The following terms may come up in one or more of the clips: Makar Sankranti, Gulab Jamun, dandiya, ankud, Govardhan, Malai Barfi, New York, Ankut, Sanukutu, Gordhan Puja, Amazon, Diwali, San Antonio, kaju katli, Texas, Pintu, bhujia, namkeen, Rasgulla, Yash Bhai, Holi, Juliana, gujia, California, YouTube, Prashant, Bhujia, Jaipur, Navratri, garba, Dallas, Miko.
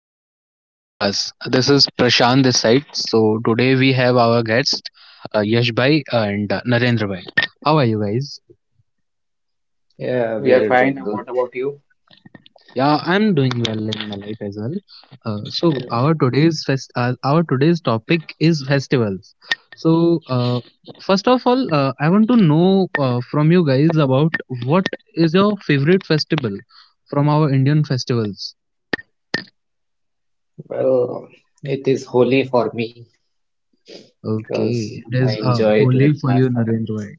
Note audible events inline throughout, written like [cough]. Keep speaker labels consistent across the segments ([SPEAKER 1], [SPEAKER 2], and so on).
[SPEAKER 1] welcome to our podcast. This is Prashant this side. So today we have our guests, Yash Bhai and Narendra Bhai. How are you guys?
[SPEAKER 2] Yeah, we
[SPEAKER 3] We are
[SPEAKER 2] are doing
[SPEAKER 3] fine.
[SPEAKER 2] good.
[SPEAKER 3] What about you?
[SPEAKER 1] Yeah, I'm doing well in my life as well. Uh, so
[SPEAKER 2] Hmm.
[SPEAKER 1] our today's fest, uh, our today's topic is festivals. So first of all, I want to know from you guys about what is your favorite festival from our Indian festivals.
[SPEAKER 2] Well, it is holy for me because
[SPEAKER 1] Okay, it
[SPEAKER 2] I
[SPEAKER 1] is
[SPEAKER 2] enjoy it
[SPEAKER 1] only
[SPEAKER 2] with
[SPEAKER 1] for
[SPEAKER 2] my
[SPEAKER 1] you, Narendra
[SPEAKER 2] friends.
[SPEAKER 1] Bhai.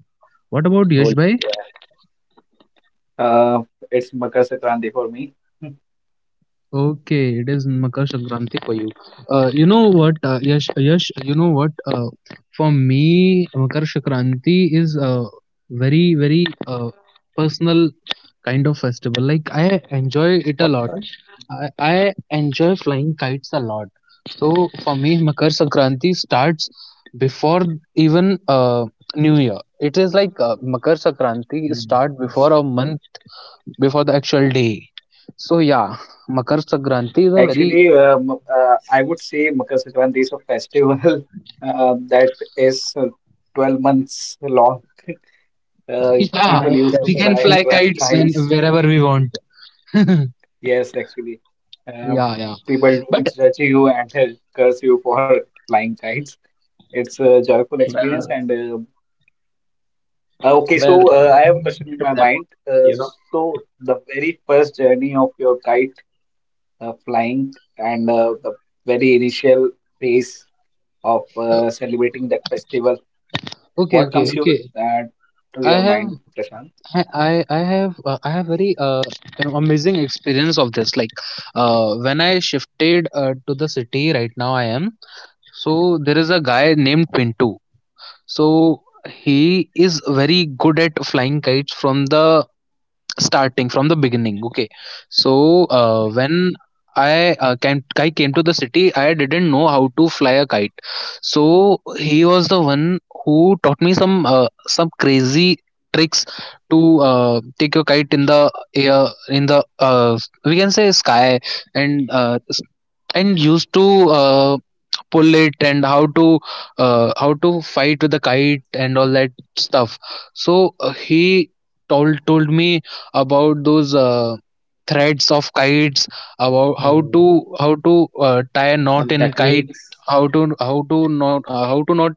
[SPEAKER 1] What about Yash
[SPEAKER 2] Holy,
[SPEAKER 1] Bhai?
[SPEAKER 2] yeah,
[SPEAKER 3] Uh, it's Makar Sankranti for me. [laughs]
[SPEAKER 1] Okay, it is Makar Sankranti for you. Yash, Yash, you know what, for me, Makar Sankranti is a very, very personal kind of festival. Like, I enjoy it a lot.
[SPEAKER 2] person.
[SPEAKER 1] I enjoy flying kites a lot. So, for me, Makar Sankranti starts before even New Year. It is like Makar Sankranti
[SPEAKER 2] Hmm.
[SPEAKER 1] start before a month before the actual day. So yeah, Makar Sankranti is a very
[SPEAKER 3] Actually, I would say Makar Sankranti is a festival [laughs] that is 12 months long. [laughs]
[SPEAKER 1] [laughs] yeah.
[SPEAKER 2] Ah,
[SPEAKER 3] People
[SPEAKER 2] in
[SPEAKER 3] used to
[SPEAKER 1] We
[SPEAKER 2] Jaipur,
[SPEAKER 1] can
[SPEAKER 3] fly
[SPEAKER 2] in
[SPEAKER 1] fly
[SPEAKER 3] [laughs]
[SPEAKER 2] Jaipur
[SPEAKER 1] kites
[SPEAKER 2] it
[SPEAKER 1] and
[SPEAKER 3] kites.
[SPEAKER 2] is.
[SPEAKER 1] wherever we want. [laughs] yeah,
[SPEAKER 3] Yes, actually. Uh,
[SPEAKER 1] yeah.
[SPEAKER 3] People
[SPEAKER 2] Hmm.
[SPEAKER 1] But
[SPEAKER 3] don't judge you and [laughs] curse you for flying kites. It's a joyful experience.
[SPEAKER 2] Well,
[SPEAKER 3] And okay, so
[SPEAKER 2] well,
[SPEAKER 3] I
[SPEAKER 2] in
[SPEAKER 3] have a
[SPEAKER 2] main
[SPEAKER 3] question in
[SPEAKER 2] center
[SPEAKER 3] my mind.
[SPEAKER 2] Jaipur, you know,
[SPEAKER 3] So, the very first journey of your kite flying and the very initial phase of celebrating that festival.
[SPEAKER 1] okay,
[SPEAKER 3] What
[SPEAKER 1] okay,
[SPEAKER 3] comes
[SPEAKER 1] okay.
[SPEAKER 3] uh, to
[SPEAKER 1] I
[SPEAKER 3] your
[SPEAKER 1] have
[SPEAKER 3] mind, Prashant?
[SPEAKER 1] I have very amazing experience of this. Like when I shifted to the city right now I am. So there is a guy named Pintu. So he is very good at flying kites from the beginning. Okay, so
[SPEAKER 2] Hmm.
[SPEAKER 1] I came to the city. I didn't know how to fly a kite, so he was the one who taught me some crazy tricks to take your kite in the air, in the we can say sky. And used to uh, pull it, and how to fight with the kite and all that stuff. So he told me about those threads of kites, about how to
[SPEAKER 2] Hmm.
[SPEAKER 1] tie a knot
[SPEAKER 2] some
[SPEAKER 1] in kite,
[SPEAKER 2] techniques.
[SPEAKER 1] how to not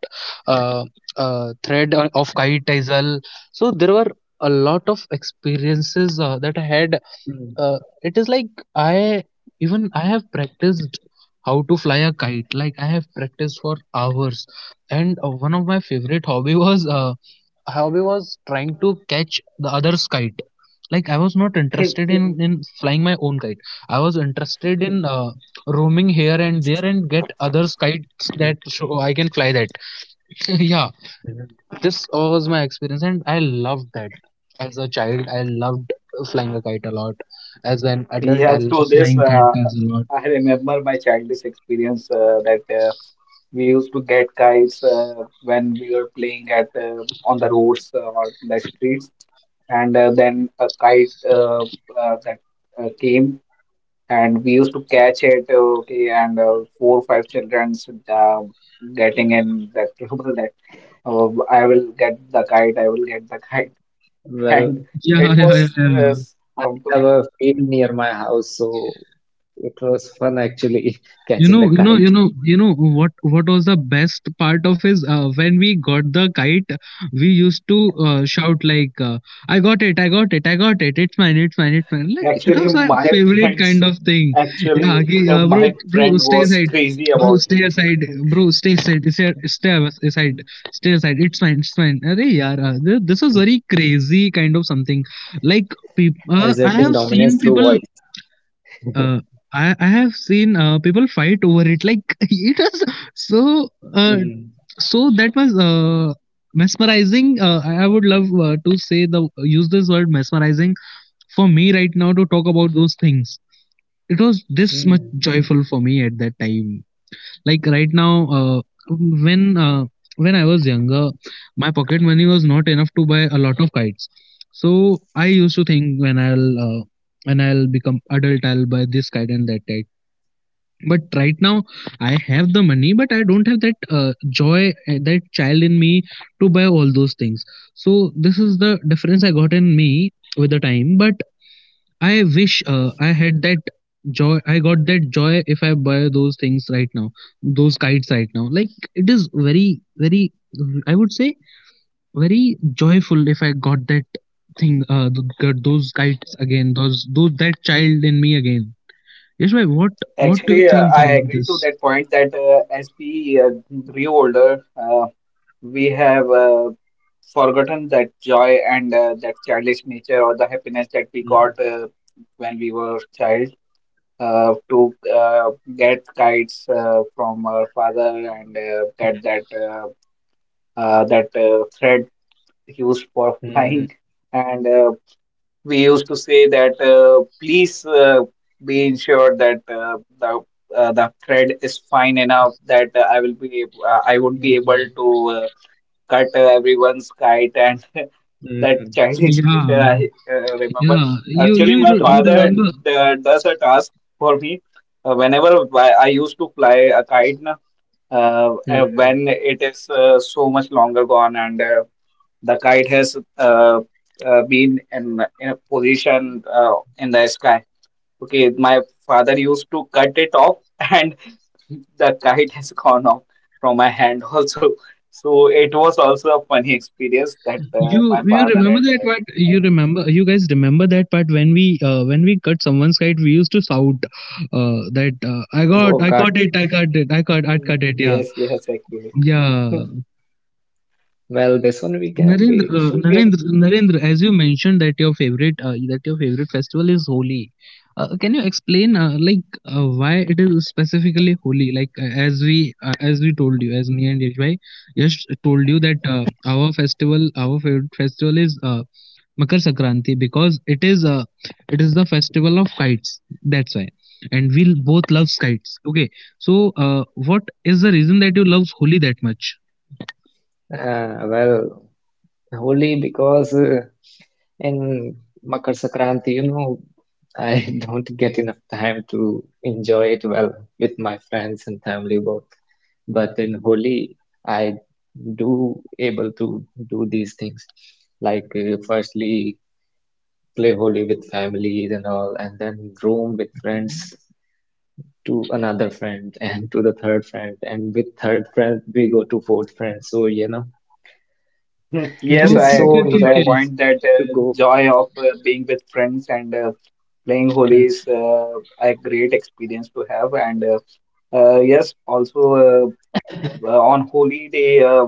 [SPEAKER 1] uh, thread of kite as well. So there were a lot of experiences that I had.
[SPEAKER 2] Hmm.
[SPEAKER 1] Uh, it is like I Even I have practiced how to fly a kite. Like I have practiced for hours. And one of my favorite hobby [laughs] was hobby was trying to catch the other's kite. Like I was not interested in
[SPEAKER 3] [laughs]
[SPEAKER 1] in flying my own kite. I was interested in roaming here and there and get others kites,
[SPEAKER 2] Hmm.
[SPEAKER 1] that so I can fly that. [laughs] yeah,
[SPEAKER 2] Hmm.
[SPEAKER 1] this was my experience, and I loved that. As a child, I loved flying a kite a lot. As an adult, I
[SPEAKER 3] Yeah,
[SPEAKER 1] love
[SPEAKER 3] through this,
[SPEAKER 1] flying
[SPEAKER 3] uh,
[SPEAKER 1] kites a lot.
[SPEAKER 3] I remember my childish experience that we used to get kites when we were playing at on the roads or the streets, and then a kite that came. And we used to catch it, okay, and four or five childrens getting in that [laughs] trouble that uh, I will get the kite, I will get the kite. [laughs] And
[SPEAKER 2] Well,
[SPEAKER 3] it
[SPEAKER 1] Yeah, yeah,
[SPEAKER 3] was
[SPEAKER 1] yeah, yeah.
[SPEAKER 2] I
[SPEAKER 3] um,
[SPEAKER 2] have a field near my house, so it was fun actually [laughs]
[SPEAKER 1] You
[SPEAKER 2] catching the
[SPEAKER 1] know, you know, you
[SPEAKER 2] kite.
[SPEAKER 1] know, you know what was the best part of his? When we got the kite, we used to shout like, "I got it! I got it! I got it! It's mine! It's mine! It's mine!" Like it
[SPEAKER 3] actually
[SPEAKER 1] was my
[SPEAKER 3] my
[SPEAKER 1] favorite
[SPEAKER 3] friends,
[SPEAKER 1] kind
[SPEAKER 2] [laughs]
[SPEAKER 1] of thing. Yeah,
[SPEAKER 3] actually,
[SPEAKER 1] ki,
[SPEAKER 3] [laughs]
[SPEAKER 1] bro,
[SPEAKER 3] my
[SPEAKER 1] bro,
[SPEAKER 3] friend
[SPEAKER 1] stay
[SPEAKER 3] was
[SPEAKER 1] aside,
[SPEAKER 3] crazy
[SPEAKER 1] bro,
[SPEAKER 3] about
[SPEAKER 1] stay
[SPEAKER 3] it.
[SPEAKER 1] aside,
[SPEAKER 3] [laughs]
[SPEAKER 1] bro, stay aside, stay aside. It's fine, it's fine. Arey, yaar, this was very crazy kind of something. Like, I
[SPEAKER 2] Asserting
[SPEAKER 1] have seen
[SPEAKER 2] dominance through
[SPEAKER 1] people
[SPEAKER 2] voice.
[SPEAKER 1] uh, I have seen people fight over it, like [laughs] it was so uh,
[SPEAKER 2] Mm,
[SPEAKER 1] so that was mesmerizing. I would love to say, the use this word mesmerizing for me right now, to talk about those things. It was this much
[SPEAKER 2] mm,
[SPEAKER 1] joyful for me at that time. Like right now, uh, when uh, when I was younger, my pocket money was not enough to buy a lot of kites. So I used to think, when I'll become adult, I'll buy this kite and that kite. But right now I have the money, but I don't have that joy, that child in me to buy all those things. So this is the difference I got in me with the time. But I wish I had that joy, I got that joy, if I buy those things right now, those kites right now. Like it is very very, I would say, very joyful if I got that thing, got those kites again, those that child in me again. Yes, why, what do you
[SPEAKER 3] Actually,
[SPEAKER 1] think
[SPEAKER 3] I
[SPEAKER 1] about
[SPEAKER 3] agree to
[SPEAKER 1] this?
[SPEAKER 3] that point that as we grew older. We have forgotten that joy and that childish nature or the happiness that we
[SPEAKER 2] mm,
[SPEAKER 3] got when we were child to get kites from our father and get
[SPEAKER 2] mm,
[SPEAKER 3] that thread used for [laughs] flying
[SPEAKER 2] mm,
[SPEAKER 3] and we used to say that please be ensured that the thread is fine enough that I won't be
[SPEAKER 2] mm,
[SPEAKER 3] able to cut everyone's kite and [laughs] that
[SPEAKER 2] mm.
[SPEAKER 3] childish nature
[SPEAKER 1] Yeah,
[SPEAKER 3] I remember.
[SPEAKER 1] yeah.
[SPEAKER 3] Actually, my
[SPEAKER 2] Don't you
[SPEAKER 3] father
[SPEAKER 2] guys?
[SPEAKER 3] does a task for me whenever I used to fly a kite. Na, when
[SPEAKER 2] Mm.
[SPEAKER 3] it is so much longer gone and the kite has been in a position in the sky. Okay, my father used to cut it off [laughs] and the kite has gone off from my hand [laughs] also. So it was also a funny experience that my
[SPEAKER 1] You
[SPEAKER 3] father
[SPEAKER 1] remember that
[SPEAKER 3] and
[SPEAKER 1] part?
[SPEAKER 3] I
[SPEAKER 1] You
[SPEAKER 3] had.
[SPEAKER 1] remember you guys remember that part when we cut someone's kite, we used to shout that I got,
[SPEAKER 2] Oh
[SPEAKER 1] I caught
[SPEAKER 2] God,
[SPEAKER 1] it, I
[SPEAKER 2] eh.
[SPEAKER 1] caught it, I caught, I cut it, yeah,
[SPEAKER 3] Yes, yes, actually.
[SPEAKER 1] yeah.
[SPEAKER 2] Well, this one we can
[SPEAKER 1] Narendra,
[SPEAKER 2] we should be able to say the
[SPEAKER 1] Narendra, as you
[SPEAKER 2] original one.
[SPEAKER 1] mentioned that your favorite festival is Holi. Can you explain like why it is specifically Holi? Like as we told you, as me and Yashbhai just told you, that our favorite festival is Makar Sankranti because it is the festival of kites. That's why, and we both love kites. Okay, so what is the reason that you love Holi that much?
[SPEAKER 2] Well. Holi because in Makar Sankranti, you know, I [laughs] don't get enough time to enjoy it well with my friends and family both. But in Holi, I do able to do these things, like firstly play Holi with families and all, and then roam with friends to another friend and to the third friend, and with third friend we go to fourth friend. So you know,
[SPEAKER 3] [laughs]
[SPEAKER 2] it
[SPEAKER 3] Yes, I
[SPEAKER 1] Okay,
[SPEAKER 2] is
[SPEAKER 1] okay,
[SPEAKER 2] so
[SPEAKER 3] agree
[SPEAKER 1] okay,
[SPEAKER 3] to that
[SPEAKER 1] okay.
[SPEAKER 3] point
[SPEAKER 2] enjoyable
[SPEAKER 3] that
[SPEAKER 2] to go.
[SPEAKER 3] joy of being with friends and playing Holi is
[SPEAKER 2] Hmm.
[SPEAKER 3] a great experience to have. And yes, also, on holy day,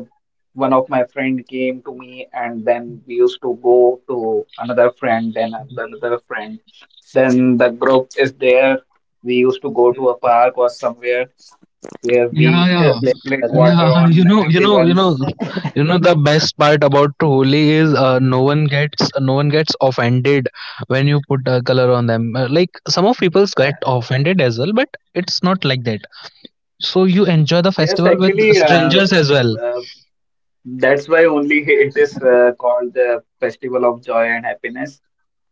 [SPEAKER 3] one of my friend came to me, and then we used to go to another
[SPEAKER 2] Hmm.
[SPEAKER 3] friend. Then the group is there. We used to go to a
[SPEAKER 2] Mm. [laughs]
[SPEAKER 3] park or somewhere where
[SPEAKER 1] Yeah,
[SPEAKER 3] we
[SPEAKER 1] yeah,
[SPEAKER 2] And
[SPEAKER 3] [laughs]
[SPEAKER 2] play
[SPEAKER 3] split
[SPEAKER 2] together,
[SPEAKER 3] water
[SPEAKER 1] yeah. [laughs]
[SPEAKER 2] you
[SPEAKER 1] You
[SPEAKER 2] know.
[SPEAKER 3] on
[SPEAKER 1] know, you know, you know,
[SPEAKER 3] everyone's.
[SPEAKER 1] you know. The best part about Holi is
[SPEAKER 2] Mm.
[SPEAKER 1] no one gets offended when you put a color on them. Like some of people get
[SPEAKER 2] Yeah,
[SPEAKER 1] offended as well, but it's not like that. So you enjoy the
[SPEAKER 3] Yes,
[SPEAKER 1] festival with
[SPEAKER 3] actually,
[SPEAKER 1] strangers as well.
[SPEAKER 3] uh, that's why only [laughs]
[SPEAKER 2] yeah,
[SPEAKER 3] it is called the Festival of Joy and Happiness.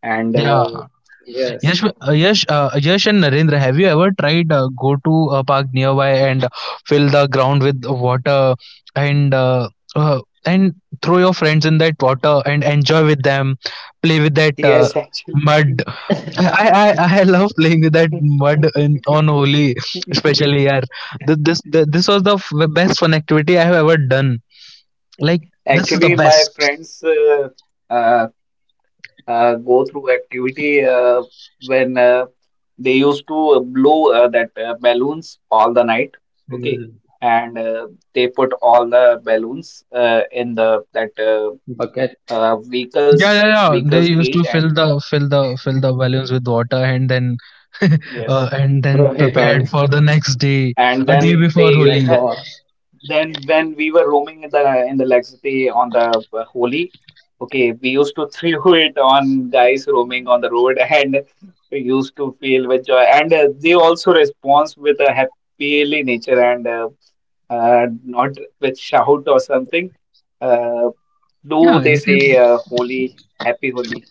[SPEAKER 3] And
[SPEAKER 1] Yeah.
[SPEAKER 3] uh,
[SPEAKER 2] and
[SPEAKER 1] Yash,
[SPEAKER 2] yes.
[SPEAKER 1] Yash and Narendra, have you ever tried go to a park nearby and fill the ground with water and uh, and throw your friends in that water and enjoy with them, play with that
[SPEAKER 3] yes, actually,
[SPEAKER 1] mud.
[SPEAKER 3] [laughs]
[SPEAKER 1] I love playing with that mud in on Holi, especially, yeah. This was the best fun activity I have ever done. Like this is the
[SPEAKER 3] actually, my
[SPEAKER 1] best.
[SPEAKER 3] friends uh, go through activity when they used to blow that balloons all the night, okay,
[SPEAKER 2] Mm.
[SPEAKER 3] and they put all the balloons in the that
[SPEAKER 2] Bucket,
[SPEAKER 1] Yeah,
[SPEAKER 3] vehicles
[SPEAKER 1] yeah, yeah. They
[SPEAKER 3] vehicles
[SPEAKER 1] used
[SPEAKER 3] cage,
[SPEAKER 1] to fill
[SPEAKER 3] and
[SPEAKER 1] the fill the fill the balloons with water and then [laughs]
[SPEAKER 3] yes,
[SPEAKER 1] and
[SPEAKER 2] throw
[SPEAKER 1] then
[SPEAKER 2] it on
[SPEAKER 1] prepared for the next day,
[SPEAKER 3] and
[SPEAKER 1] a day
[SPEAKER 3] then
[SPEAKER 1] before
[SPEAKER 3] they [laughs]
[SPEAKER 2] next
[SPEAKER 1] Holi.
[SPEAKER 2] war.
[SPEAKER 3] Then when we were roaming in the Lexity on the Holi, okay, we used to [laughs] throw it on guys roaming on the road, [laughs] and we used to feel with joy. And they also responds with a happy nature and not with shout or
[SPEAKER 2] Yeah,
[SPEAKER 3] something. Uh, do
[SPEAKER 1] Yeah,
[SPEAKER 3] they
[SPEAKER 1] it
[SPEAKER 3] say
[SPEAKER 1] is.
[SPEAKER 3] Holi, happy Holi?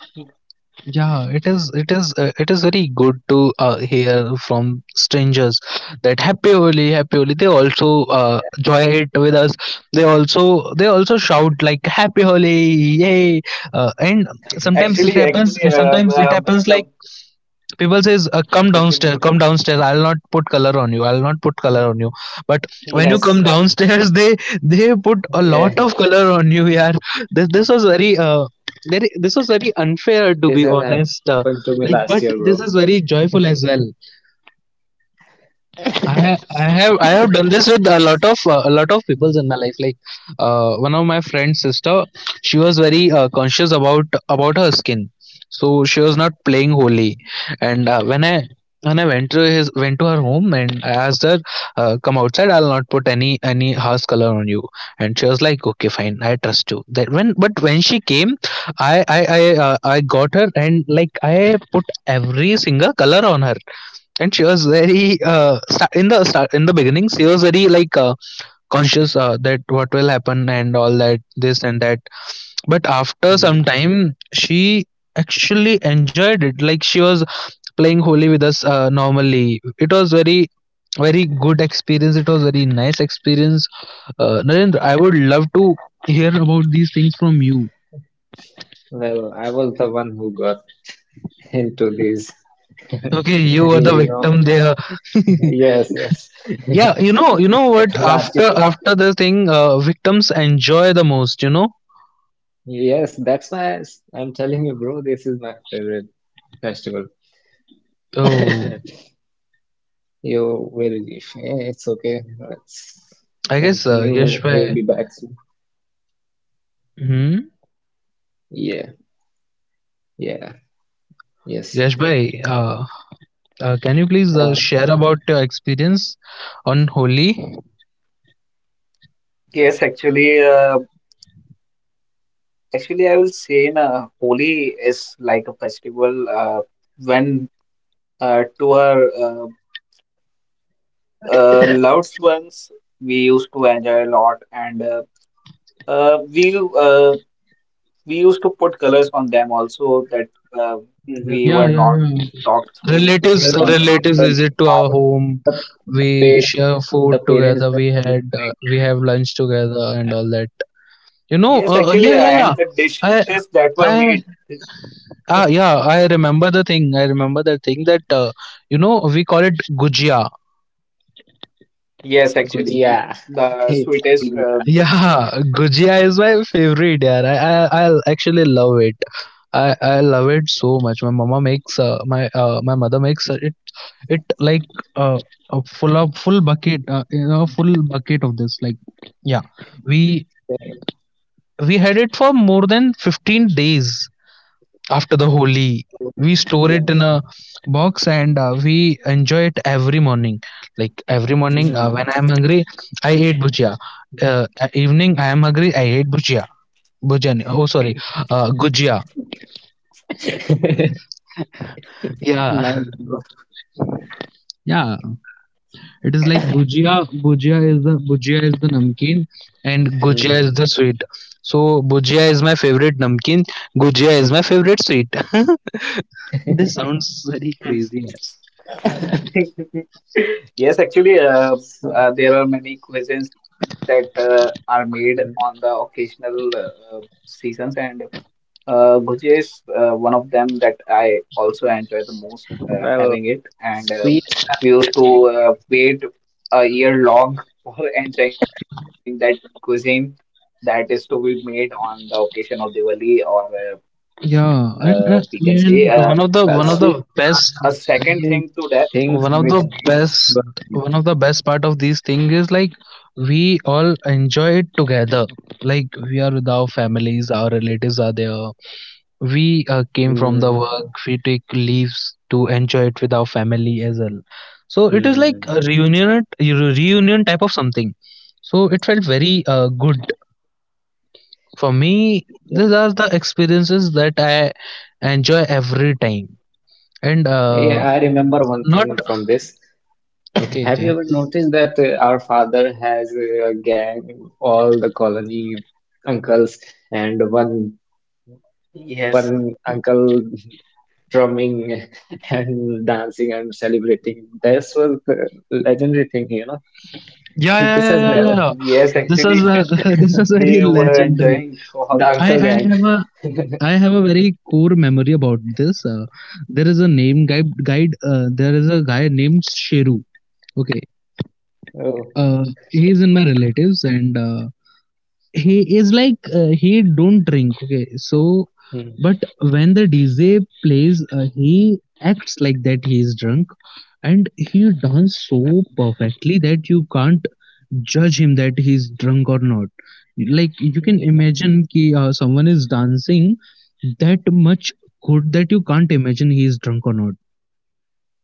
[SPEAKER 1] Yeah, it is. It is. It is very good to hear from strangers that happy Holi, happy Holi. They also
[SPEAKER 2] yeah,
[SPEAKER 1] joy it with us. They also shout like happy Holi, yay! And Sometimes it
[SPEAKER 3] Actually,
[SPEAKER 1] happens.
[SPEAKER 3] actually, uh,
[SPEAKER 1] Sometimes it
[SPEAKER 3] uh,
[SPEAKER 1] happens
[SPEAKER 3] the
[SPEAKER 1] like people says,
[SPEAKER 3] actually
[SPEAKER 1] come downstairs, I'll not put color on you, I'll not put color on you. But
[SPEAKER 3] he
[SPEAKER 1] when you come
[SPEAKER 3] has.
[SPEAKER 1] downstairs [laughs] they put a
[SPEAKER 2] yeah.
[SPEAKER 1] lot of color on you. Yeah, this was very very, this was very unfair,
[SPEAKER 2] This
[SPEAKER 1] to
[SPEAKER 2] has
[SPEAKER 1] be
[SPEAKER 2] happened to me
[SPEAKER 1] honest.
[SPEAKER 2] last year,
[SPEAKER 1] Like,
[SPEAKER 2] bro.
[SPEAKER 1] but this is very joyful as well.
[SPEAKER 2] [laughs]
[SPEAKER 1] I have done this with a lot of
[SPEAKER 2] Mm,
[SPEAKER 1] people in my life. Like one of my friend's sister, she was very conscious about her skin, so she was not playing
[SPEAKER 2] mm,
[SPEAKER 1] holy. And when I went to her home and I asked her, "Come outside. I'll not put any house color on you." And she was like, "Okay, fine. I trust you." That when, but when she came, I I I, I got her, and like I put every single color on her. And she was very in the start, in the beginning, she was very like conscious that what will happen and all that, this and that. But after some
[SPEAKER 2] mm.
[SPEAKER 1] time she actually enjoyed it. Like she was playing holy with us, normally. It was very very good experience. It was very nice experience. Narendra, I would love to hear about these things from you.
[SPEAKER 2] Well, I was the one who got into these,
[SPEAKER 1] Okay, you
[SPEAKER 2] [laughs]
[SPEAKER 1] were the
[SPEAKER 2] you know.
[SPEAKER 1] victim there. [laughs]
[SPEAKER 2] Yes, yes.
[SPEAKER 1] Yeah, you know, you know what,
[SPEAKER 2] [laughs] Last,
[SPEAKER 1] after after the thing, victims enjoy the most, you know.
[SPEAKER 2] yes, that's why I'm telling you, bro, this is my favorite festival.
[SPEAKER 1] Oh,
[SPEAKER 2] [laughs] You will, leave. Eh, it's okay. Let's
[SPEAKER 1] I guess Yash
[SPEAKER 2] continue.
[SPEAKER 1] Bhai,
[SPEAKER 2] He'll be back soon.
[SPEAKER 1] hmm,
[SPEAKER 2] Yeah, yeah, yes.
[SPEAKER 1] Yash Bhai, uh, can you please
[SPEAKER 2] Uh,
[SPEAKER 1] share about your experience on Holi?
[SPEAKER 3] Yes, actually, I will say na, Holi is like a festival when to our loved ones we used to enjoy a lot, and uh, we uh, we used to put colors on them also that
[SPEAKER 2] [laughs]
[SPEAKER 3] uh, we
[SPEAKER 1] Yeah,
[SPEAKER 3] were
[SPEAKER 1] yeah,
[SPEAKER 3] not
[SPEAKER 1] yeah.
[SPEAKER 2] well, you
[SPEAKER 3] talked
[SPEAKER 2] know
[SPEAKER 3] through
[SPEAKER 2] the
[SPEAKER 1] Relatives,
[SPEAKER 3] or
[SPEAKER 2] fa
[SPEAKER 3] something.
[SPEAKER 1] relatives
[SPEAKER 2] the
[SPEAKER 1] visit to our
[SPEAKER 2] the
[SPEAKER 1] home,
[SPEAKER 2] parents the
[SPEAKER 1] we
[SPEAKER 2] parents
[SPEAKER 1] share
[SPEAKER 2] make ga
[SPEAKER 1] food
[SPEAKER 2] make
[SPEAKER 1] together, we
[SPEAKER 2] gangs
[SPEAKER 1] had we have lunch
[SPEAKER 2] and
[SPEAKER 1] together and all that.
[SPEAKER 3] Yes,
[SPEAKER 1] You know,
[SPEAKER 3] actually, and
[SPEAKER 1] yeah, yeah, yeah,
[SPEAKER 3] the
[SPEAKER 1] I
[SPEAKER 3] dishes that were made.
[SPEAKER 1] I
[SPEAKER 3] [laughs]
[SPEAKER 1] ah, yeah, I remember the thing. I remember the thing that you know, we call it gujia.
[SPEAKER 3] Yes,
[SPEAKER 2] gujia.
[SPEAKER 3] actually,
[SPEAKER 2] [laughs]
[SPEAKER 3] the
[SPEAKER 2] Eating gujia
[SPEAKER 3] sweetest
[SPEAKER 1] Yeah,
[SPEAKER 3] dish.
[SPEAKER 1] [laughs] gujia is my favorite. Yeah, I actually love it. I love it so much. My mother makes it, it like uh, a full of full bucket, you know, full bucket of this. Like, yeah, we
[SPEAKER 2] same.
[SPEAKER 1] we had it for more than 15 days after the Holi.
[SPEAKER 2] Oh,
[SPEAKER 1] We store
[SPEAKER 3] Yes.
[SPEAKER 1] it in a box, and we enjoy it every morning. Like every morning
[SPEAKER 2] mhm.
[SPEAKER 1] when I am hungry, I eat bhujia. At evening I am hungry, I eat bhujia. Bhujani. Oh,
[SPEAKER 2] [laughs]
[SPEAKER 1] sorry,
[SPEAKER 3] Hmm.
[SPEAKER 1] gujia. Yeah,
[SPEAKER 2] Nice
[SPEAKER 1] [laughs]
[SPEAKER 2] bro.
[SPEAKER 1] yeah.
[SPEAKER 2] Uh,
[SPEAKER 1] It is like bhujia. Bhujia is the namkeen, and gujia is
[SPEAKER 2] Mm.
[SPEAKER 1] the sweet. So bhujia is my favorite namkeen. Gujia is my favorite sweet. [laughs] This
[SPEAKER 2] [laughs]
[SPEAKER 1] sounds very crazy.
[SPEAKER 3] Yes, actually,
[SPEAKER 2] So,
[SPEAKER 3] there are many quizzes that are made on the
[SPEAKER 2] mm,
[SPEAKER 3] occasional seasons, and Bhujia is one of them that I enjoy the most having
[SPEAKER 2] well,
[SPEAKER 3] it. And
[SPEAKER 2] sweets are
[SPEAKER 3] we
[SPEAKER 2] the
[SPEAKER 3] used
[SPEAKER 2] best
[SPEAKER 3] to
[SPEAKER 2] thing, you know.
[SPEAKER 3] wait a year long [laughs] for enjoying that cuisine that is to be made on the occasion of Diwali, or we can
[SPEAKER 1] Yeah,
[SPEAKER 3] say
[SPEAKER 1] and, uh,
[SPEAKER 3] uh,
[SPEAKER 1] and
[SPEAKER 2] Well,
[SPEAKER 1] one of
[SPEAKER 3] a
[SPEAKER 1] the
[SPEAKER 2] sweets
[SPEAKER 3] second
[SPEAKER 2] are
[SPEAKER 1] best
[SPEAKER 3] thing
[SPEAKER 2] the
[SPEAKER 3] to that.
[SPEAKER 2] main things
[SPEAKER 1] one of
[SPEAKER 2] which
[SPEAKER 1] the
[SPEAKER 2] makes
[SPEAKER 1] best
[SPEAKER 2] festival sweet.
[SPEAKER 1] one of the best part of these thing is like we all enjoy it together. Like, we are with our families, our relatives are there. We came from the
[SPEAKER 2] Mm.
[SPEAKER 1] work, we take leaves to enjoy it with our family as well. So it is like
[SPEAKER 2] Mm.
[SPEAKER 1] a reunion type of something. So it felt very good for me. These
[SPEAKER 2] Yeah.
[SPEAKER 1] are the experiences that I enjoy every time. And
[SPEAKER 2] Yeah, I remember one
[SPEAKER 1] not
[SPEAKER 2] thing from this. [coughs]
[SPEAKER 1] okay
[SPEAKER 2] Have
[SPEAKER 1] okay
[SPEAKER 2] you ever noticed that our father has a gang, all the colony uncles, and one
[SPEAKER 3] Yes,
[SPEAKER 2] one uncle drumming [laughs] and dancing and celebrating. This was the legendary thing, you know.
[SPEAKER 1] yeah, yeah,
[SPEAKER 2] [laughs]
[SPEAKER 1] yeah,
[SPEAKER 2] This
[SPEAKER 1] yeah,
[SPEAKER 2] has
[SPEAKER 1] yeah, yeah.
[SPEAKER 2] never
[SPEAKER 3] yes, actually.
[SPEAKER 1] this was
[SPEAKER 3] [laughs]
[SPEAKER 1] [laughs] this
[SPEAKER 3] We
[SPEAKER 1] was very
[SPEAKER 3] were enjoying
[SPEAKER 1] legendary.
[SPEAKER 3] all the
[SPEAKER 2] the
[SPEAKER 1] i
[SPEAKER 2] uncle
[SPEAKER 1] i have
[SPEAKER 2] gang.
[SPEAKER 1] a
[SPEAKER 3] time.
[SPEAKER 1] i
[SPEAKER 2] [laughs]
[SPEAKER 1] have a very core memory about this. There is a guy named sheru. Okay.
[SPEAKER 2] Oh,
[SPEAKER 1] uh, he's in my
[SPEAKER 2] [laughs]
[SPEAKER 1] relatives, and he is like he don't drink. Okay, so,
[SPEAKER 2] Hmm.
[SPEAKER 1] but when the DJ plays, he acts like that he is drunk, and he dance so
[SPEAKER 2] Uh,
[SPEAKER 1] perfectly that you can't judge him that he's drunk or not. Like, you can
[SPEAKER 2] yeah.
[SPEAKER 1] imagine ki, someone is dancing that much good that you can't imagine he is drunk or not.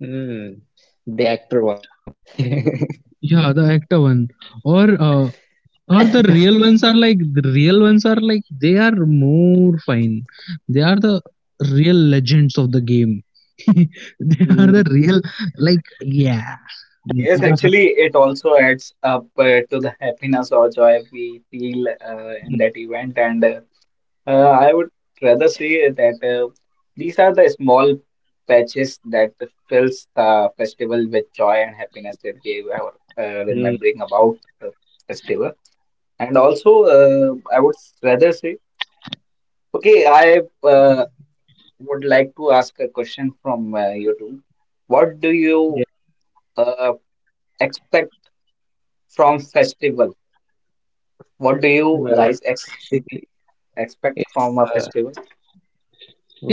[SPEAKER 2] Mm. The actor one. [laughs]
[SPEAKER 1] Yeah, the actor one. Or uh, or the real ones are like they are more fine. They are the real legends of the game. [laughs] They are the
[SPEAKER 2] Mm.
[SPEAKER 1] real, like, yeah
[SPEAKER 3] Yes, actually, it also adds up to the happiness or joy we feel in that
[SPEAKER 2] Mm.
[SPEAKER 3] event. And
[SPEAKER 2] Yeah.
[SPEAKER 3] uh, I would rather say that these are the small patches that fills the festival with joy and happiness that we were remembering
[SPEAKER 2] Mm.
[SPEAKER 3] about festival. And also, I would rather say, okay, I would like to ask a question from you two. What do you
[SPEAKER 2] Yeah.
[SPEAKER 3] uh, expect from festival? What do you
[SPEAKER 2] Well,
[SPEAKER 3] guys
[SPEAKER 2] basically,
[SPEAKER 3] expect
[SPEAKER 2] it's
[SPEAKER 3] from a
[SPEAKER 2] the
[SPEAKER 3] festival?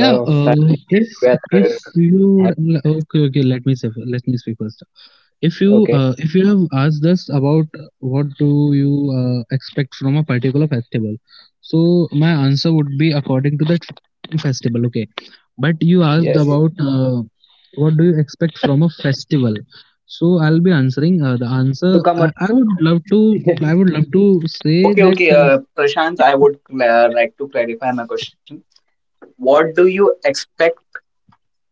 [SPEAKER 1] yeah.
[SPEAKER 2] family
[SPEAKER 1] If
[SPEAKER 2] get
[SPEAKER 1] if
[SPEAKER 2] together,
[SPEAKER 1] you would— okay,
[SPEAKER 2] happiness.
[SPEAKER 1] okay, let me say let me speak first.
[SPEAKER 2] Okay.
[SPEAKER 1] If you have asked us about what do you expect from a particular festival, so my answer would be according to that festival. Okay, but you asked
[SPEAKER 2] Yes, yes.
[SPEAKER 1] about what do you expect from a festival. So I'll be answering the answer.
[SPEAKER 2] To come
[SPEAKER 1] I
[SPEAKER 2] early,
[SPEAKER 1] would
[SPEAKER 2] bro.
[SPEAKER 1] love to I would love to say
[SPEAKER 3] Okay, okay,
[SPEAKER 1] that.
[SPEAKER 3] Prashant, I would like to clarify my question. What do you expect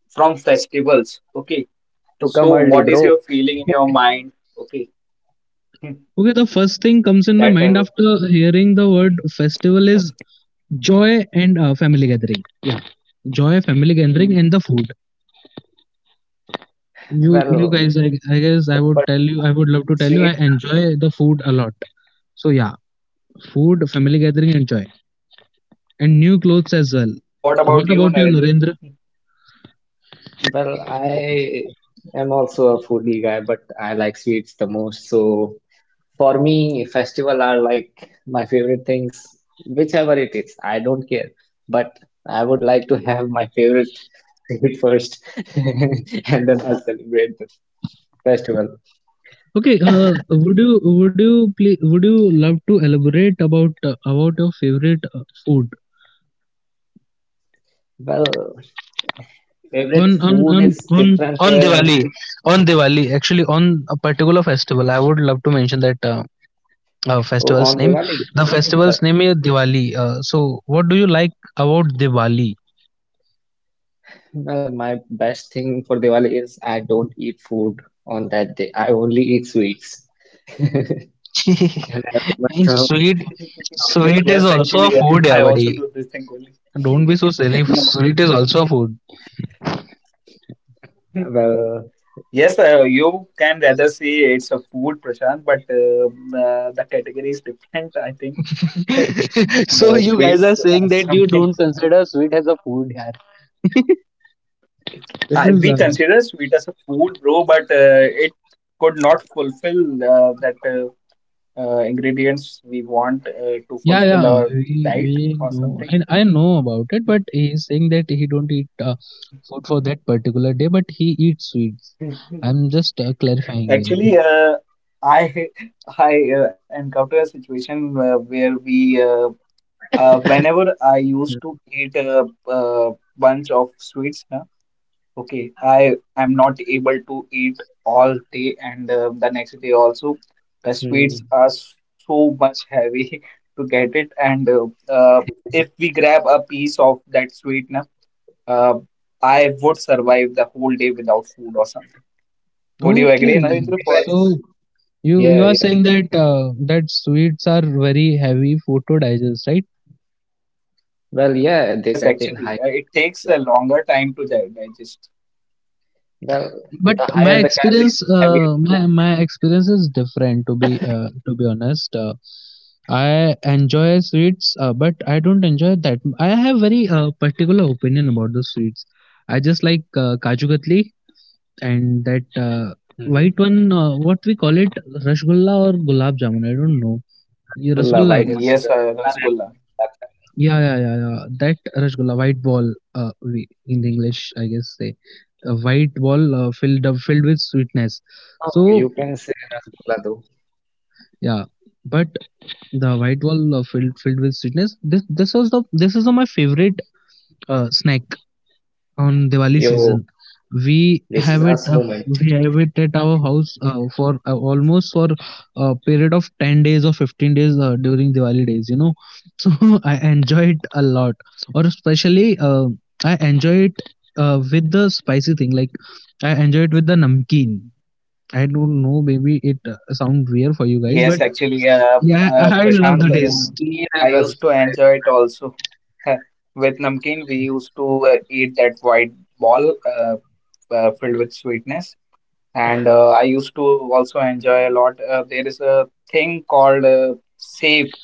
[SPEAKER 3] from festivals? Okay,
[SPEAKER 2] To come
[SPEAKER 3] so
[SPEAKER 2] early,
[SPEAKER 3] what is
[SPEAKER 2] bro.
[SPEAKER 3] your feeling in your
[SPEAKER 2] [laughs]
[SPEAKER 3] mind? Okay, [laughs]
[SPEAKER 1] Okay, the first thing
[SPEAKER 3] that
[SPEAKER 1] comes in my
[SPEAKER 3] is.
[SPEAKER 1] mind after hearing the word festival is joy and family gathering. Yeah, joy, family gathering, and the
[SPEAKER 2] Hmm.
[SPEAKER 1] food. You
[SPEAKER 2] Well,
[SPEAKER 1] guys, I guess
[SPEAKER 2] in
[SPEAKER 1] I would
[SPEAKER 2] particular,
[SPEAKER 1] love to tell you I
[SPEAKER 2] sweets are the
[SPEAKER 1] enjoy the
[SPEAKER 2] thing.
[SPEAKER 1] food a lot. So yeah, food, family gathering, enjoy, and new clothes as well.
[SPEAKER 3] What about you,
[SPEAKER 1] What about
[SPEAKER 3] Narendra?
[SPEAKER 1] you, Narendra?
[SPEAKER 2] Well, I am also a foodie guy, but I like sweets the most. So for me, festival are like my favorite things, whichever it is. I don't care, but I would like to have my favorite sweet first, [laughs] and then I'll celebrate the festival.
[SPEAKER 1] Okay,
[SPEAKER 2] [laughs]
[SPEAKER 1] would you love to elaborate about your favorite food?
[SPEAKER 2] Well,
[SPEAKER 1] on
[SPEAKER 2] favorite
[SPEAKER 1] on
[SPEAKER 2] food
[SPEAKER 1] on
[SPEAKER 2] is
[SPEAKER 1] on
[SPEAKER 2] different
[SPEAKER 1] on
[SPEAKER 2] here and
[SPEAKER 1] Diwali.
[SPEAKER 2] favorite
[SPEAKER 1] On
[SPEAKER 2] sweet
[SPEAKER 1] Diwali, actually, on a particular festival, I would love to mention that, festival's
[SPEAKER 2] on
[SPEAKER 1] name
[SPEAKER 2] Diwali.
[SPEAKER 1] the
[SPEAKER 2] Well,
[SPEAKER 1] festival's name is Diwali. So what do you like about Diwali?
[SPEAKER 2] well, my best thing for Diwali is I don't eat food on that day. I only eat sweets. [laughs] And
[SPEAKER 1] [laughs]
[SPEAKER 2] everyone's
[SPEAKER 1] And,
[SPEAKER 2] home
[SPEAKER 1] sweet,
[SPEAKER 3] [laughs]
[SPEAKER 2] [laughs] from
[SPEAKER 3] Yes,
[SPEAKER 1] sweet
[SPEAKER 2] neighbors
[SPEAKER 1] is
[SPEAKER 2] and
[SPEAKER 3] actually,
[SPEAKER 2] all.
[SPEAKER 1] also a
[SPEAKER 3] I
[SPEAKER 1] food, yeah,
[SPEAKER 3] also do
[SPEAKER 1] buddy.
[SPEAKER 3] this thing only.
[SPEAKER 1] Don't be so silly.
[SPEAKER 2] No.
[SPEAKER 1] Sweet is also a
[SPEAKER 2] [laughs]
[SPEAKER 1] food.
[SPEAKER 3] [laughs]
[SPEAKER 2] Well,
[SPEAKER 3] Yes, you can rather say it's a food, Prashant, the category is different, I think. [laughs]
[SPEAKER 1] [laughs] So
[SPEAKER 3] The
[SPEAKER 1] you guys are
[SPEAKER 3] sweets
[SPEAKER 1] saying
[SPEAKER 3] are
[SPEAKER 1] that you
[SPEAKER 3] something
[SPEAKER 1] don't consider sweet as a food, yeah. This is
[SPEAKER 3] we consider sweet as a food, bro, but it could not fulfill that ingredients we want to
[SPEAKER 1] Yeah,
[SPEAKER 3] fulfill
[SPEAKER 1] yeah,
[SPEAKER 3] our
[SPEAKER 1] We,
[SPEAKER 3] diet
[SPEAKER 1] we
[SPEAKER 3] or
[SPEAKER 1] know.
[SPEAKER 3] something.
[SPEAKER 1] I know about it, but he's saying that he don't eat food for that particular day, but he eats sweets. I'm just clarifying
[SPEAKER 3] Actually,
[SPEAKER 1] him.
[SPEAKER 3] I [laughs] I encountered a situation where we whenever I used to eat a bunch of sweets, na. Okay, I am not able to eat all day and the next day also. The
[SPEAKER 2] mm,
[SPEAKER 3] sweets are so much heavy [laughs] to get it, and uh, if we grab a piece of that sweet, na, uh, I would survive the whole day without food or something. Would you agree,
[SPEAKER 1] Okay,
[SPEAKER 2] have you
[SPEAKER 3] for
[SPEAKER 2] guys?
[SPEAKER 3] this?
[SPEAKER 1] so you
[SPEAKER 2] Yeah,
[SPEAKER 1] you are
[SPEAKER 2] yeah.
[SPEAKER 1] saying that sweets are very heavy food to digest, right?
[SPEAKER 2] Well, yeah, they
[SPEAKER 3] Yes,
[SPEAKER 2] contain high
[SPEAKER 3] actually, it
[SPEAKER 2] calories.
[SPEAKER 3] takes a
[SPEAKER 2] Well,
[SPEAKER 3] longer time to digest.
[SPEAKER 2] well,
[SPEAKER 1] But
[SPEAKER 2] the higher
[SPEAKER 1] my
[SPEAKER 2] the calorie,
[SPEAKER 1] experience
[SPEAKER 2] the heavier
[SPEAKER 1] uh,
[SPEAKER 2] the
[SPEAKER 1] my
[SPEAKER 2] food.
[SPEAKER 1] my experience is different, to be honest. I enjoy sweets, but I don't enjoy that. I have very particular opinion about the sweets. I just like kaju katli, and that
[SPEAKER 2] Mhm.
[SPEAKER 1] white one, what we call it, rasgulla or gulab jamun, I don't
[SPEAKER 2] Yes,
[SPEAKER 1] know. Yeah,
[SPEAKER 2] Rasgulla.
[SPEAKER 1] rasgulla, I
[SPEAKER 2] White one
[SPEAKER 1] guess.
[SPEAKER 2] is
[SPEAKER 3] Yes,
[SPEAKER 2] Rasgulla, red one
[SPEAKER 3] Rasgulla.
[SPEAKER 2] is Gulab Jamun.
[SPEAKER 1] Yeah, yeah, yeah, yeah, that rasgulla white ball. uh, we- in the english, I guess, say a white ball, filled with sweetness.
[SPEAKER 2] No,
[SPEAKER 1] So,
[SPEAKER 2] you can say Rasgulla though.
[SPEAKER 1] yeah, but the white wall, filled with sweetness. This was the this is the, My favorite snack on Diwali season.
[SPEAKER 2] Yo,
[SPEAKER 1] We
[SPEAKER 2] this is
[SPEAKER 1] have it
[SPEAKER 2] us
[SPEAKER 1] uh,
[SPEAKER 2] moment.
[SPEAKER 1] we have it at our house for almost for a period of 10 days or 15 days, during Diwali days. You know, [laughs] so I enjoy it a lot, or especially, I enjoy it with the spicy thing. Like, I enjoy it with the namkeen. I don't know, maybe it sound weird for you guys,
[SPEAKER 3] Yes,
[SPEAKER 1] but
[SPEAKER 3] actually,
[SPEAKER 1] yeah, I love
[SPEAKER 3] Prashant,
[SPEAKER 2] Well,
[SPEAKER 1] the taste.
[SPEAKER 2] namkeen and
[SPEAKER 3] I used to
[SPEAKER 2] rasgulla is the
[SPEAKER 3] enjoy it
[SPEAKER 2] best.
[SPEAKER 3] also. [laughs] With namkeen, we used to eat that white ball filled with sweetness, and I used to also enjoy a lot. There is a thing called save,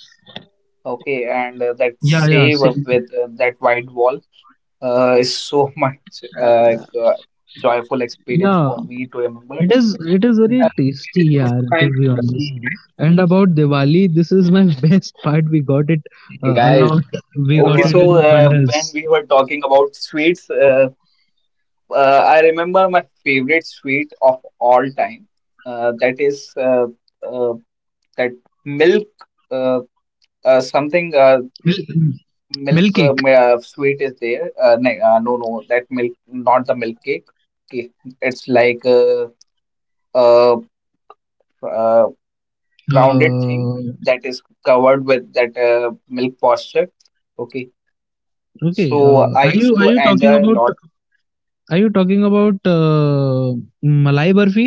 [SPEAKER 3] okay, and that
[SPEAKER 1] Yeah, yeah,
[SPEAKER 3] save up
[SPEAKER 1] same.
[SPEAKER 3] with that white ball is so [laughs] much
[SPEAKER 2] Uh,
[SPEAKER 3] uh, joyful experience
[SPEAKER 1] Yeah,
[SPEAKER 3] for me to remember.
[SPEAKER 1] it is. It is very
[SPEAKER 2] well, save is
[SPEAKER 1] tasty.
[SPEAKER 2] also
[SPEAKER 1] Yeah,
[SPEAKER 2] kind
[SPEAKER 1] to
[SPEAKER 2] of
[SPEAKER 1] be honest.
[SPEAKER 2] namkeen, right?
[SPEAKER 1] And about Diwali, this is my [laughs] best part. We got it
[SPEAKER 2] Hey
[SPEAKER 1] a
[SPEAKER 2] guys, you
[SPEAKER 1] lot.
[SPEAKER 2] listening
[SPEAKER 3] Okay,
[SPEAKER 2] me
[SPEAKER 1] We
[SPEAKER 2] or
[SPEAKER 3] so
[SPEAKER 1] got
[SPEAKER 2] what?
[SPEAKER 1] it in
[SPEAKER 3] when we
[SPEAKER 1] bundles.
[SPEAKER 3] were talking about sweets. I remember my favorite sweet of all time. That is uh, that milk uh, something,
[SPEAKER 1] Mil- Milk cake.
[SPEAKER 3] milk, sweet is there. No, no, no, that milk, not the milk cake. Okay. It's like a, uh uh rounded
[SPEAKER 1] Uh,
[SPEAKER 3] thing that is covered with that milk posture. Okay.
[SPEAKER 1] okay.
[SPEAKER 3] So I used to enjoy a lot.
[SPEAKER 1] Are you talking about Malai Barfi?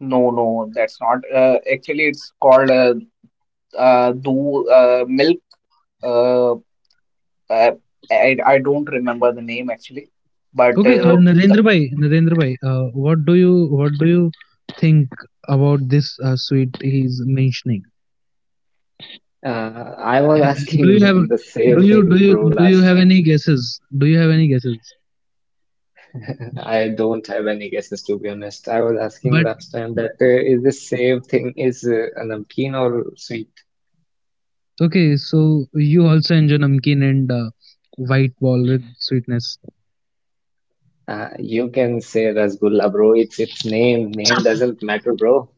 [SPEAKER 3] No, no, that's not. Actually, it's called do milk. Uh, I, I don't remember the name actually, but
[SPEAKER 1] Okay,
[SPEAKER 3] the,
[SPEAKER 1] Narendra Bhai, what do you think about this sweet he's mentioning?
[SPEAKER 2] I was
[SPEAKER 1] do you have
[SPEAKER 2] asking [laughs] the same thing, bro,
[SPEAKER 1] do you have
[SPEAKER 2] last
[SPEAKER 1] any guesses do you have any guesses
[SPEAKER 2] time. [laughs] I don't have any guesses to be honest. I was asking
[SPEAKER 1] But
[SPEAKER 2] last time that is the same thing is a namkeen or sweet?
[SPEAKER 1] okay, so you also enjoy namkeen and white ball with sweetness.
[SPEAKER 2] You can say rasgulla, bro. It's its name. Name doesn't matter, bro.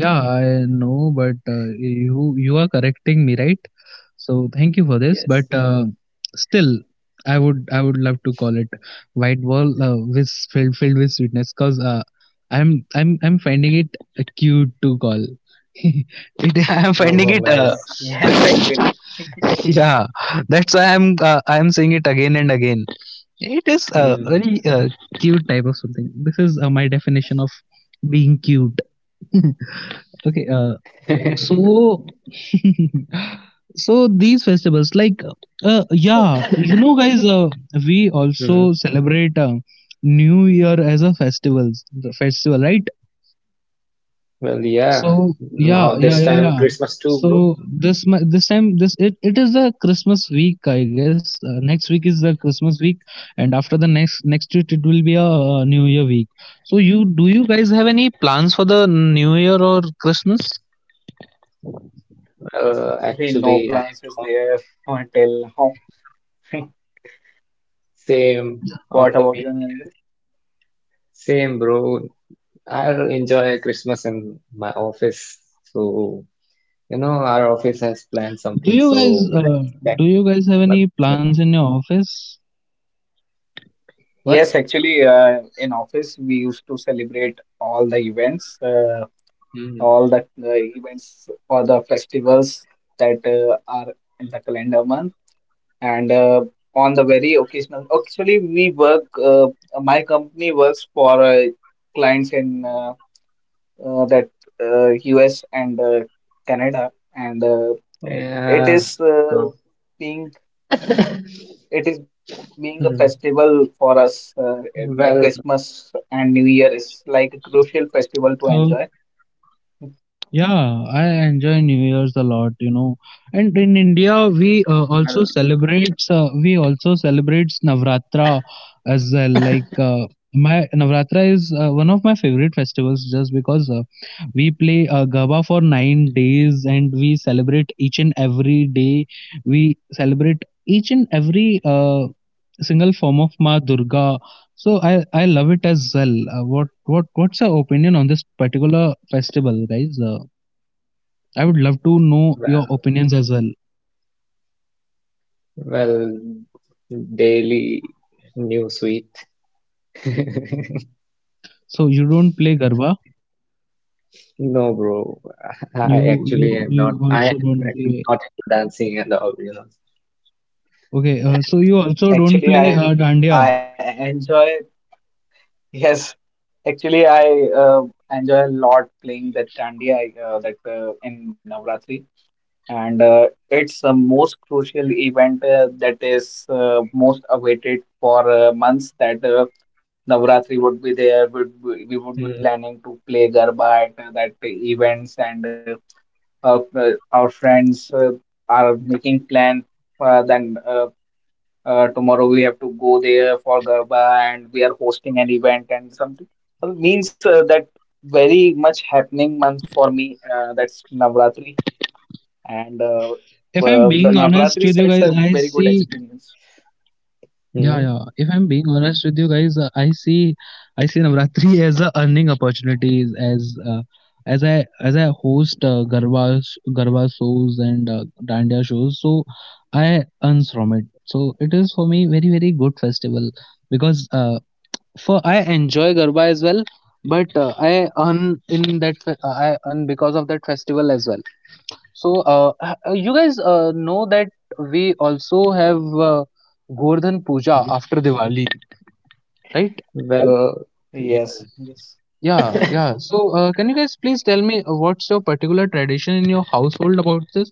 [SPEAKER 1] Yeah, I know, but you are correcting me, right? So thank you for this,
[SPEAKER 2] Yes.
[SPEAKER 1] but still I would love to call it white ball, with filled with sweetness, cuz i'm I'm finding it cute to call [laughs] it. I'm finding
[SPEAKER 2] Oh,
[SPEAKER 1] it
[SPEAKER 3] [laughs]
[SPEAKER 2] nice.
[SPEAKER 3] yes, actually,
[SPEAKER 1] [laughs] Yeah, that's why I'm saying it again and again. It is a
[SPEAKER 2] Hmm.
[SPEAKER 1] very cute type of something. This is my definition of being cute. [laughs] Okay,
[SPEAKER 2] [laughs]
[SPEAKER 1] so [laughs] so these festivals, like, yeah, you know, guys, we also
[SPEAKER 2] Hmm.
[SPEAKER 1] celebrate New Year as a festivals the festival, right?
[SPEAKER 2] Well, yeah.
[SPEAKER 1] So
[SPEAKER 2] Now
[SPEAKER 1] yeah, yeah,
[SPEAKER 2] this
[SPEAKER 1] yeah,
[SPEAKER 2] time
[SPEAKER 1] yeah.
[SPEAKER 2] Christmas too, bro.
[SPEAKER 1] So this mi- this time this it, it is the Christmas week, I guess. Next week is the Christmas week, and after the next week it will be a New Year week. So you Do you guys have any plans for the New Year or Christmas?
[SPEAKER 2] Well,
[SPEAKER 3] no
[SPEAKER 2] actually, I
[SPEAKER 3] plans is
[SPEAKER 2] don't.
[SPEAKER 3] there until now. [laughs]
[SPEAKER 2] Same on
[SPEAKER 3] What
[SPEAKER 2] the
[SPEAKER 3] about you, Narendra?
[SPEAKER 2] weekends. Same, bro. I'll enjoy Christmas in my office. So, you know, our office has planned
[SPEAKER 1] Do
[SPEAKER 2] something.
[SPEAKER 1] you guys
[SPEAKER 2] So
[SPEAKER 1] uh,
[SPEAKER 2] let's
[SPEAKER 1] do
[SPEAKER 2] check
[SPEAKER 1] you guys have
[SPEAKER 2] what's
[SPEAKER 1] any
[SPEAKER 2] happening.
[SPEAKER 1] plans in your office?
[SPEAKER 2] What?
[SPEAKER 3] Yes, actually, in office we used to celebrate all the events,
[SPEAKER 2] Hmm.
[SPEAKER 3] all the events or the festivals that are in the calendar month, and on the very occasional. Actually, we work. My company works for clients in. That US and Canada, and it
[SPEAKER 2] Yeah,
[SPEAKER 3] is uh,
[SPEAKER 2] bro.
[SPEAKER 3] being
[SPEAKER 2] [laughs]
[SPEAKER 3] it is being a
[SPEAKER 2] Hmm.
[SPEAKER 3] festival for us. And like
[SPEAKER 2] Well,
[SPEAKER 3] Christmas and New Year is like a crucial festival to enjoy.
[SPEAKER 1] Yeah, I enjoy New Year's a lot, you know. And in India,
[SPEAKER 2] well,
[SPEAKER 1] we also celebrates Navratra as well. Like, my Navratra is one of my favorite festivals just because we play Gaba for 9 days and we celebrate each and every day. We celebrate each and every single form of Ma Durga. So I love it as well. What's your opinion on this particular festival, guys? I would love to know your
[SPEAKER 2] well,
[SPEAKER 1] opinions as well.
[SPEAKER 2] well. Daily new sweet. [laughs]
[SPEAKER 1] So you don't play garba.
[SPEAKER 2] No, bro. [laughs] I actually am not.
[SPEAKER 1] You
[SPEAKER 2] I
[SPEAKER 1] also
[SPEAKER 2] am
[SPEAKER 1] don't
[SPEAKER 2] actually
[SPEAKER 1] play.
[SPEAKER 2] not into dancing and all, you know.
[SPEAKER 1] Okay. So you
[SPEAKER 2] [laughs]
[SPEAKER 1] also don't play
[SPEAKER 3] Actually, I
[SPEAKER 1] dandiya.
[SPEAKER 3] I enjoy yes. Actually, I enjoy a lot playing dandiya that in Navratri. And it's the most crucial event that is most awaited for months that Navratri would be there. Would we would be
[SPEAKER 2] mm
[SPEAKER 3] planning to play Garba at that events, and our friends are making plan. Then tomorrow we have to go there for Garba, and we are hosting an event and something. Means that very much happening month for me. That's Navratri and
[SPEAKER 1] If I'm being honest
[SPEAKER 3] the
[SPEAKER 1] with you guys,
[SPEAKER 3] Navratri
[SPEAKER 1] I
[SPEAKER 3] sets a
[SPEAKER 1] see.
[SPEAKER 3] very good experience.
[SPEAKER 1] Yeah, yeah. If
[SPEAKER 2] mm
[SPEAKER 1] I'm being honest with you guys, I see. I see Navratri [laughs] as a earning opportunities as. As I host garba shows and dandiya shows, so I earns from it. So it is for me very very good festival, because for I enjoy Garba as well, but I earn because of that festival as well. So, you guys know that we also have Gordhan Puja
[SPEAKER 2] mm.
[SPEAKER 1] after Diwali, right?
[SPEAKER 2] Well, yeah.
[SPEAKER 3] Yes, yes.
[SPEAKER 1] Yeah,
[SPEAKER 2] [laughs]
[SPEAKER 1] yeah. So can
[SPEAKER 2] Well,
[SPEAKER 1] you guys please tell me what's your particular tradition in your household about this?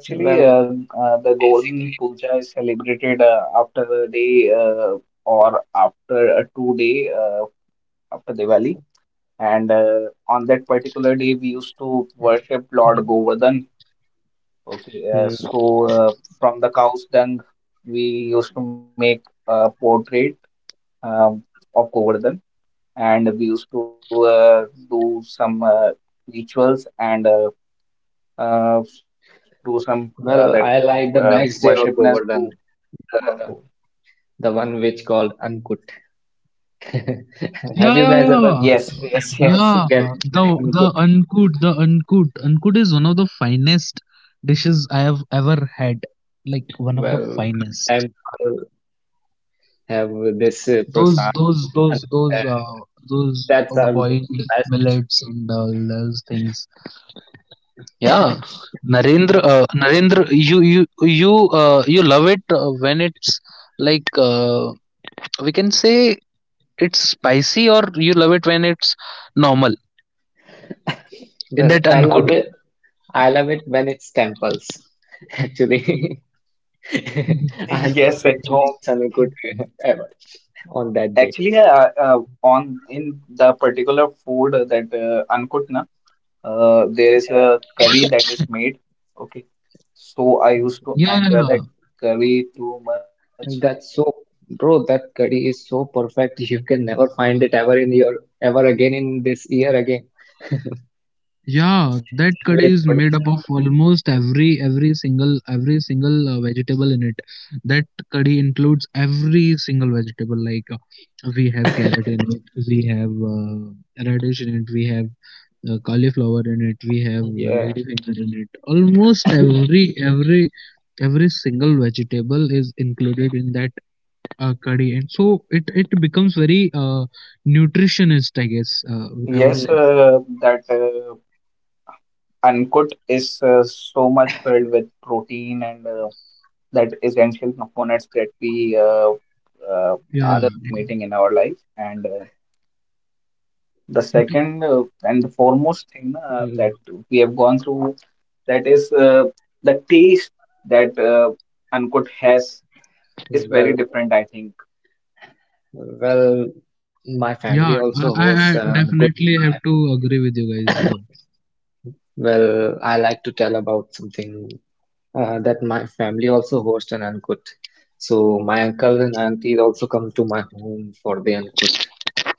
[SPEAKER 3] Actually,
[SPEAKER 2] well,
[SPEAKER 3] the
[SPEAKER 2] basically
[SPEAKER 3] Golden Puja
[SPEAKER 2] it's.
[SPEAKER 3] is celebrated after a day or after a 2 day after Diwali, and on that particular day we used to worship Lord Govardhan. Okay,
[SPEAKER 2] Mm.
[SPEAKER 3] so from the cow's dung we used to make a portrait um, of Govardhan and we used to do some rituals and uh, do some that
[SPEAKER 2] Well, I like the next day of
[SPEAKER 3] worshipness to.
[SPEAKER 2] Govardhan, the one which called Ankut. [laughs] Have
[SPEAKER 1] Yeah,
[SPEAKER 2] you
[SPEAKER 1] yeah,
[SPEAKER 2] guys ever
[SPEAKER 1] yeah.
[SPEAKER 2] went to
[SPEAKER 3] Yes, yes,
[SPEAKER 2] temples to
[SPEAKER 1] Yeah,
[SPEAKER 3] yes.
[SPEAKER 2] get that Ankut?
[SPEAKER 1] ankud is one of the finest dishes I have ever had. Like one of the
[SPEAKER 2] Well, our
[SPEAKER 1] finest.
[SPEAKER 2] temple have this
[SPEAKER 1] those
[SPEAKER 2] prasad
[SPEAKER 1] those those
[SPEAKER 2] Ankut,
[SPEAKER 1] those uh
[SPEAKER 2] and
[SPEAKER 1] those
[SPEAKER 2] that's
[SPEAKER 1] boiled
[SPEAKER 2] the best.
[SPEAKER 1] millets and all those things, yeah. Narendra,
[SPEAKER 2] That's
[SPEAKER 1] you you love it when it's, like uh, we can say, it's spicy, or you love it when it's normal, in
[SPEAKER 2] well,
[SPEAKER 1] that
[SPEAKER 2] I love
[SPEAKER 1] uncooked.
[SPEAKER 2] it. I love it when it's temples. [laughs] Actually, [laughs]
[SPEAKER 1] [laughs]
[SPEAKER 2] I
[SPEAKER 3] [laughs]
[SPEAKER 2] never
[SPEAKER 3] Yes,
[SPEAKER 2] read
[SPEAKER 3] actually,
[SPEAKER 2] home Sanukutu ever on that day. [laughs] I,
[SPEAKER 3] on in the particular food that uncooked, na, there is a
[SPEAKER 2] yeah,
[SPEAKER 3] curry that is made, okay, so I used
[SPEAKER 1] Yeah,
[SPEAKER 3] to
[SPEAKER 1] yeah, yeah.
[SPEAKER 3] enjoy that
[SPEAKER 2] that's
[SPEAKER 3] curry too much.
[SPEAKER 2] that's so, bro. That curry is so perfect. You can never find it ever in your ever again in this year again.
[SPEAKER 1] Yeah, that
[SPEAKER 2] [laughs] Just
[SPEAKER 1] curry is
[SPEAKER 2] wait for
[SPEAKER 1] made up
[SPEAKER 2] next
[SPEAKER 1] of
[SPEAKER 2] time Sanukutu.
[SPEAKER 1] almost every single vegetable in it. That curry includes every single vegetable. Like, we have carrot in it,
[SPEAKER 2] [laughs]
[SPEAKER 1] we have radish in it, we have cauliflower in it, we have
[SPEAKER 2] Yeah.
[SPEAKER 1] ladyfinger in it. Almost every single vegetable is included in that curry, and so it becomes very nutritionist, I guess. I would
[SPEAKER 3] Yes,
[SPEAKER 1] say.
[SPEAKER 2] Hmm.
[SPEAKER 3] that Ankut is so much filled with protein and that essential components that we uh,
[SPEAKER 1] Yeah.
[SPEAKER 2] And
[SPEAKER 3] are
[SPEAKER 2] the
[SPEAKER 3] meeting in
[SPEAKER 2] taste.
[SPEAKER 3] our life. And the second and the foremost thing
[SPEAKER 2] Hmm.
[SPEAKER 3] that we have gone through that is the taste that Ankut has is very
[SPEAKER 2] Well,
[SPEAKER 3] different, I think.
[SPEAKER 2] well, my family
[SPEAKER 1] Yeah,
[SPEAKER 2] also
[SPEAKER 1] I,
[SPEAKER 2] hosts
[SPEAKER 1] I I
[SPEAKER 2] and go
[SPEAKER 1] definitely
[SPEAKER 2] my,
[SPEAKER 1] have to agree with you guys.
[SPEAKER 2] well, I like to tell about something that my family also hosts an Ankut. So my uncles and aunties also come to my home for the Ankut.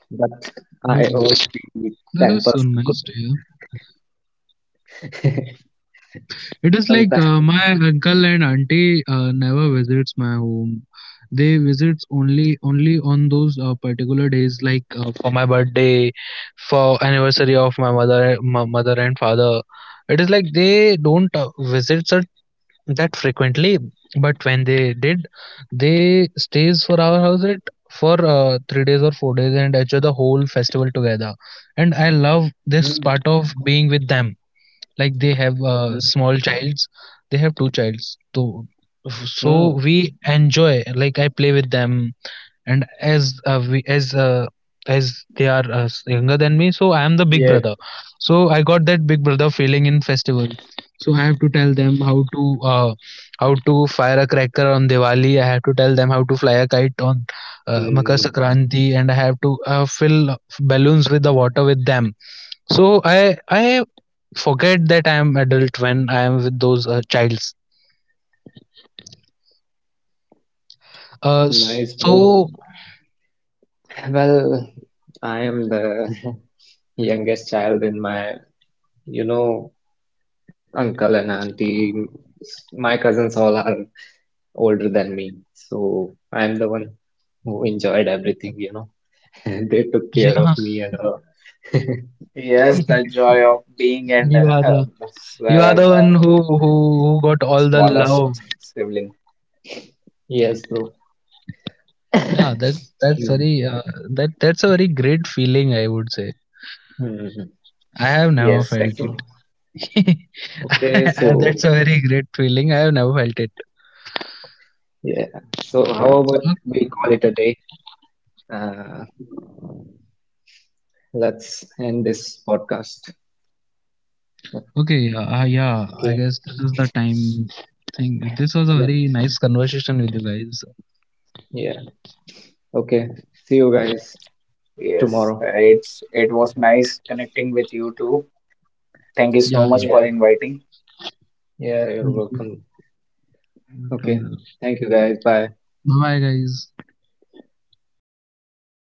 [SPEAKER 2] But
[SPEAKER 1] Oh,
[SPEAKER 2] I
[SPEAKER 1] this
[SPEAKER 2] only eat
[SPEAKER 1] is so
[SPEAKER 2] temples
[SPEAKER 1] nice
[SPEAKER 2] Ankut.
[SPEAKER 1] to hear.
[SPEAKER 2] [laughs]
[SPEAKER 1] It is like
[SPEAKER 2] Sometimes.
[SPEAKER 1] my uncle and auntie never visits my home. They visits only on those particular days, like, for my birthday, for anniversary of my mother and father. It is like they don't visit that frequently, but when they did, they stays for our house it for 3 days or 4 days and enjoy the whole festival together. And I love this
[SPEAKER 2] Mm,
[SPEAKER 1] part of being with them. Like, they have
[SPEAKER 2] mm,
[SPEAKER 1] small childs they have two childs, so
[SPEAKER 2] mm.
[SPEAKER 1] we enjoy. Like, I play with them. And as we as they are younger than me, so I am the big
[SPEAKER 2] Yeah.
[SPEAKER 1] brother. So I got that big brother feeling in festival. So I have to tell them uh, how to fire a cracker on Diwali. I have to tell them how to fly a kite on Makar
[SPEAKER 2] Mm,
[SPEAKER 1] Sankranti. And I have to fill balloons with the water with them. So I forget that I am adult when I am with those childs. uh,
[SPEAKER 2] nice, bro.
[SPEAKER 1] so
[SPEAKER 2] Well, I am the [laughs] youngest child in my, you know, uncle and auntie. My cousins all are older than me, so I'm the one who enjoyed everything, you know. [laughs] They took care of me and all. [laughs]
[SPEAKER 3] Yes, the joy of being and [laughs]
[SPEAKER 1] yeah.
[SPEAKER 3] the, s-
[SPEAKER 1] You are
[SPEAKER 3] uh,
[SPEAKER 1] the one who
[SPEAKER 3] the
[SPEAKER 1] who, who got all the love.
[SPEAKER 3] smallest sibling.
[SPEAKER 2] Yes, bro.
[SPEAKER 1] Yeah,
[SPEAKER 2] [laughs] Mm,
[SPEAKER 1] that's a very great feeling. I would say.
[SPEAKER 2] mm.
[SPEAKER 1] I have never
[SPEAKER 3] Yes,
[SPEAKER 1] felt
[SPEAKER 2] So,
[SPEAKER 3] actually.
[SPEAKER 1] it.
[SPEAKER 2] okay,
[SPEAKER 1] [laughs] That's
[SPEAKER 2] so
[SPEAKER 1] a very great feeling. I have never felt it.
[SPEAKER 2] yeah, so how about
[SPEAKER 1] Ok-
[SPEAKER 2] we call it a day? Uh, let's end this podcast.
[SPEAKER 1] Okay, yeah. I
[SPEAKER 2] Okay,
[SPEAKER 1] guess this is the time thing. This was a
[SPEAKER 2] yes,
[SPEAKER 1] very
[SPEAKER 2] bro.
[SPEAKER 1] nice conversation with you guys.
[SPEAKER 2] Yeah, okay. See you guys
[SPEAKER 3] Yes,
[SPEAKER 2] tomorrow.
[SPEAKER 3] it was nice connecting with you too. Thank you so
[SPEAKER 1] Yeah.
[SPEAKER 3] much for
[SPEAKER 2] Yeah,
[SPEAKER 3] inviting.
[SPEAKER 2] yeah, you're
[SPEAKER 1] Yeah. Mm,
[SPEAKER 2] welcome.
[SPEAKER 1] welcome,
[SPEAKER 2] Okay,
[SPEAKER 1] brother.
[SPEAKER 2] thank you guys. Bye.
[SPEAKER 1] Bye, guys.
[SPEAKER 3] Bye guys.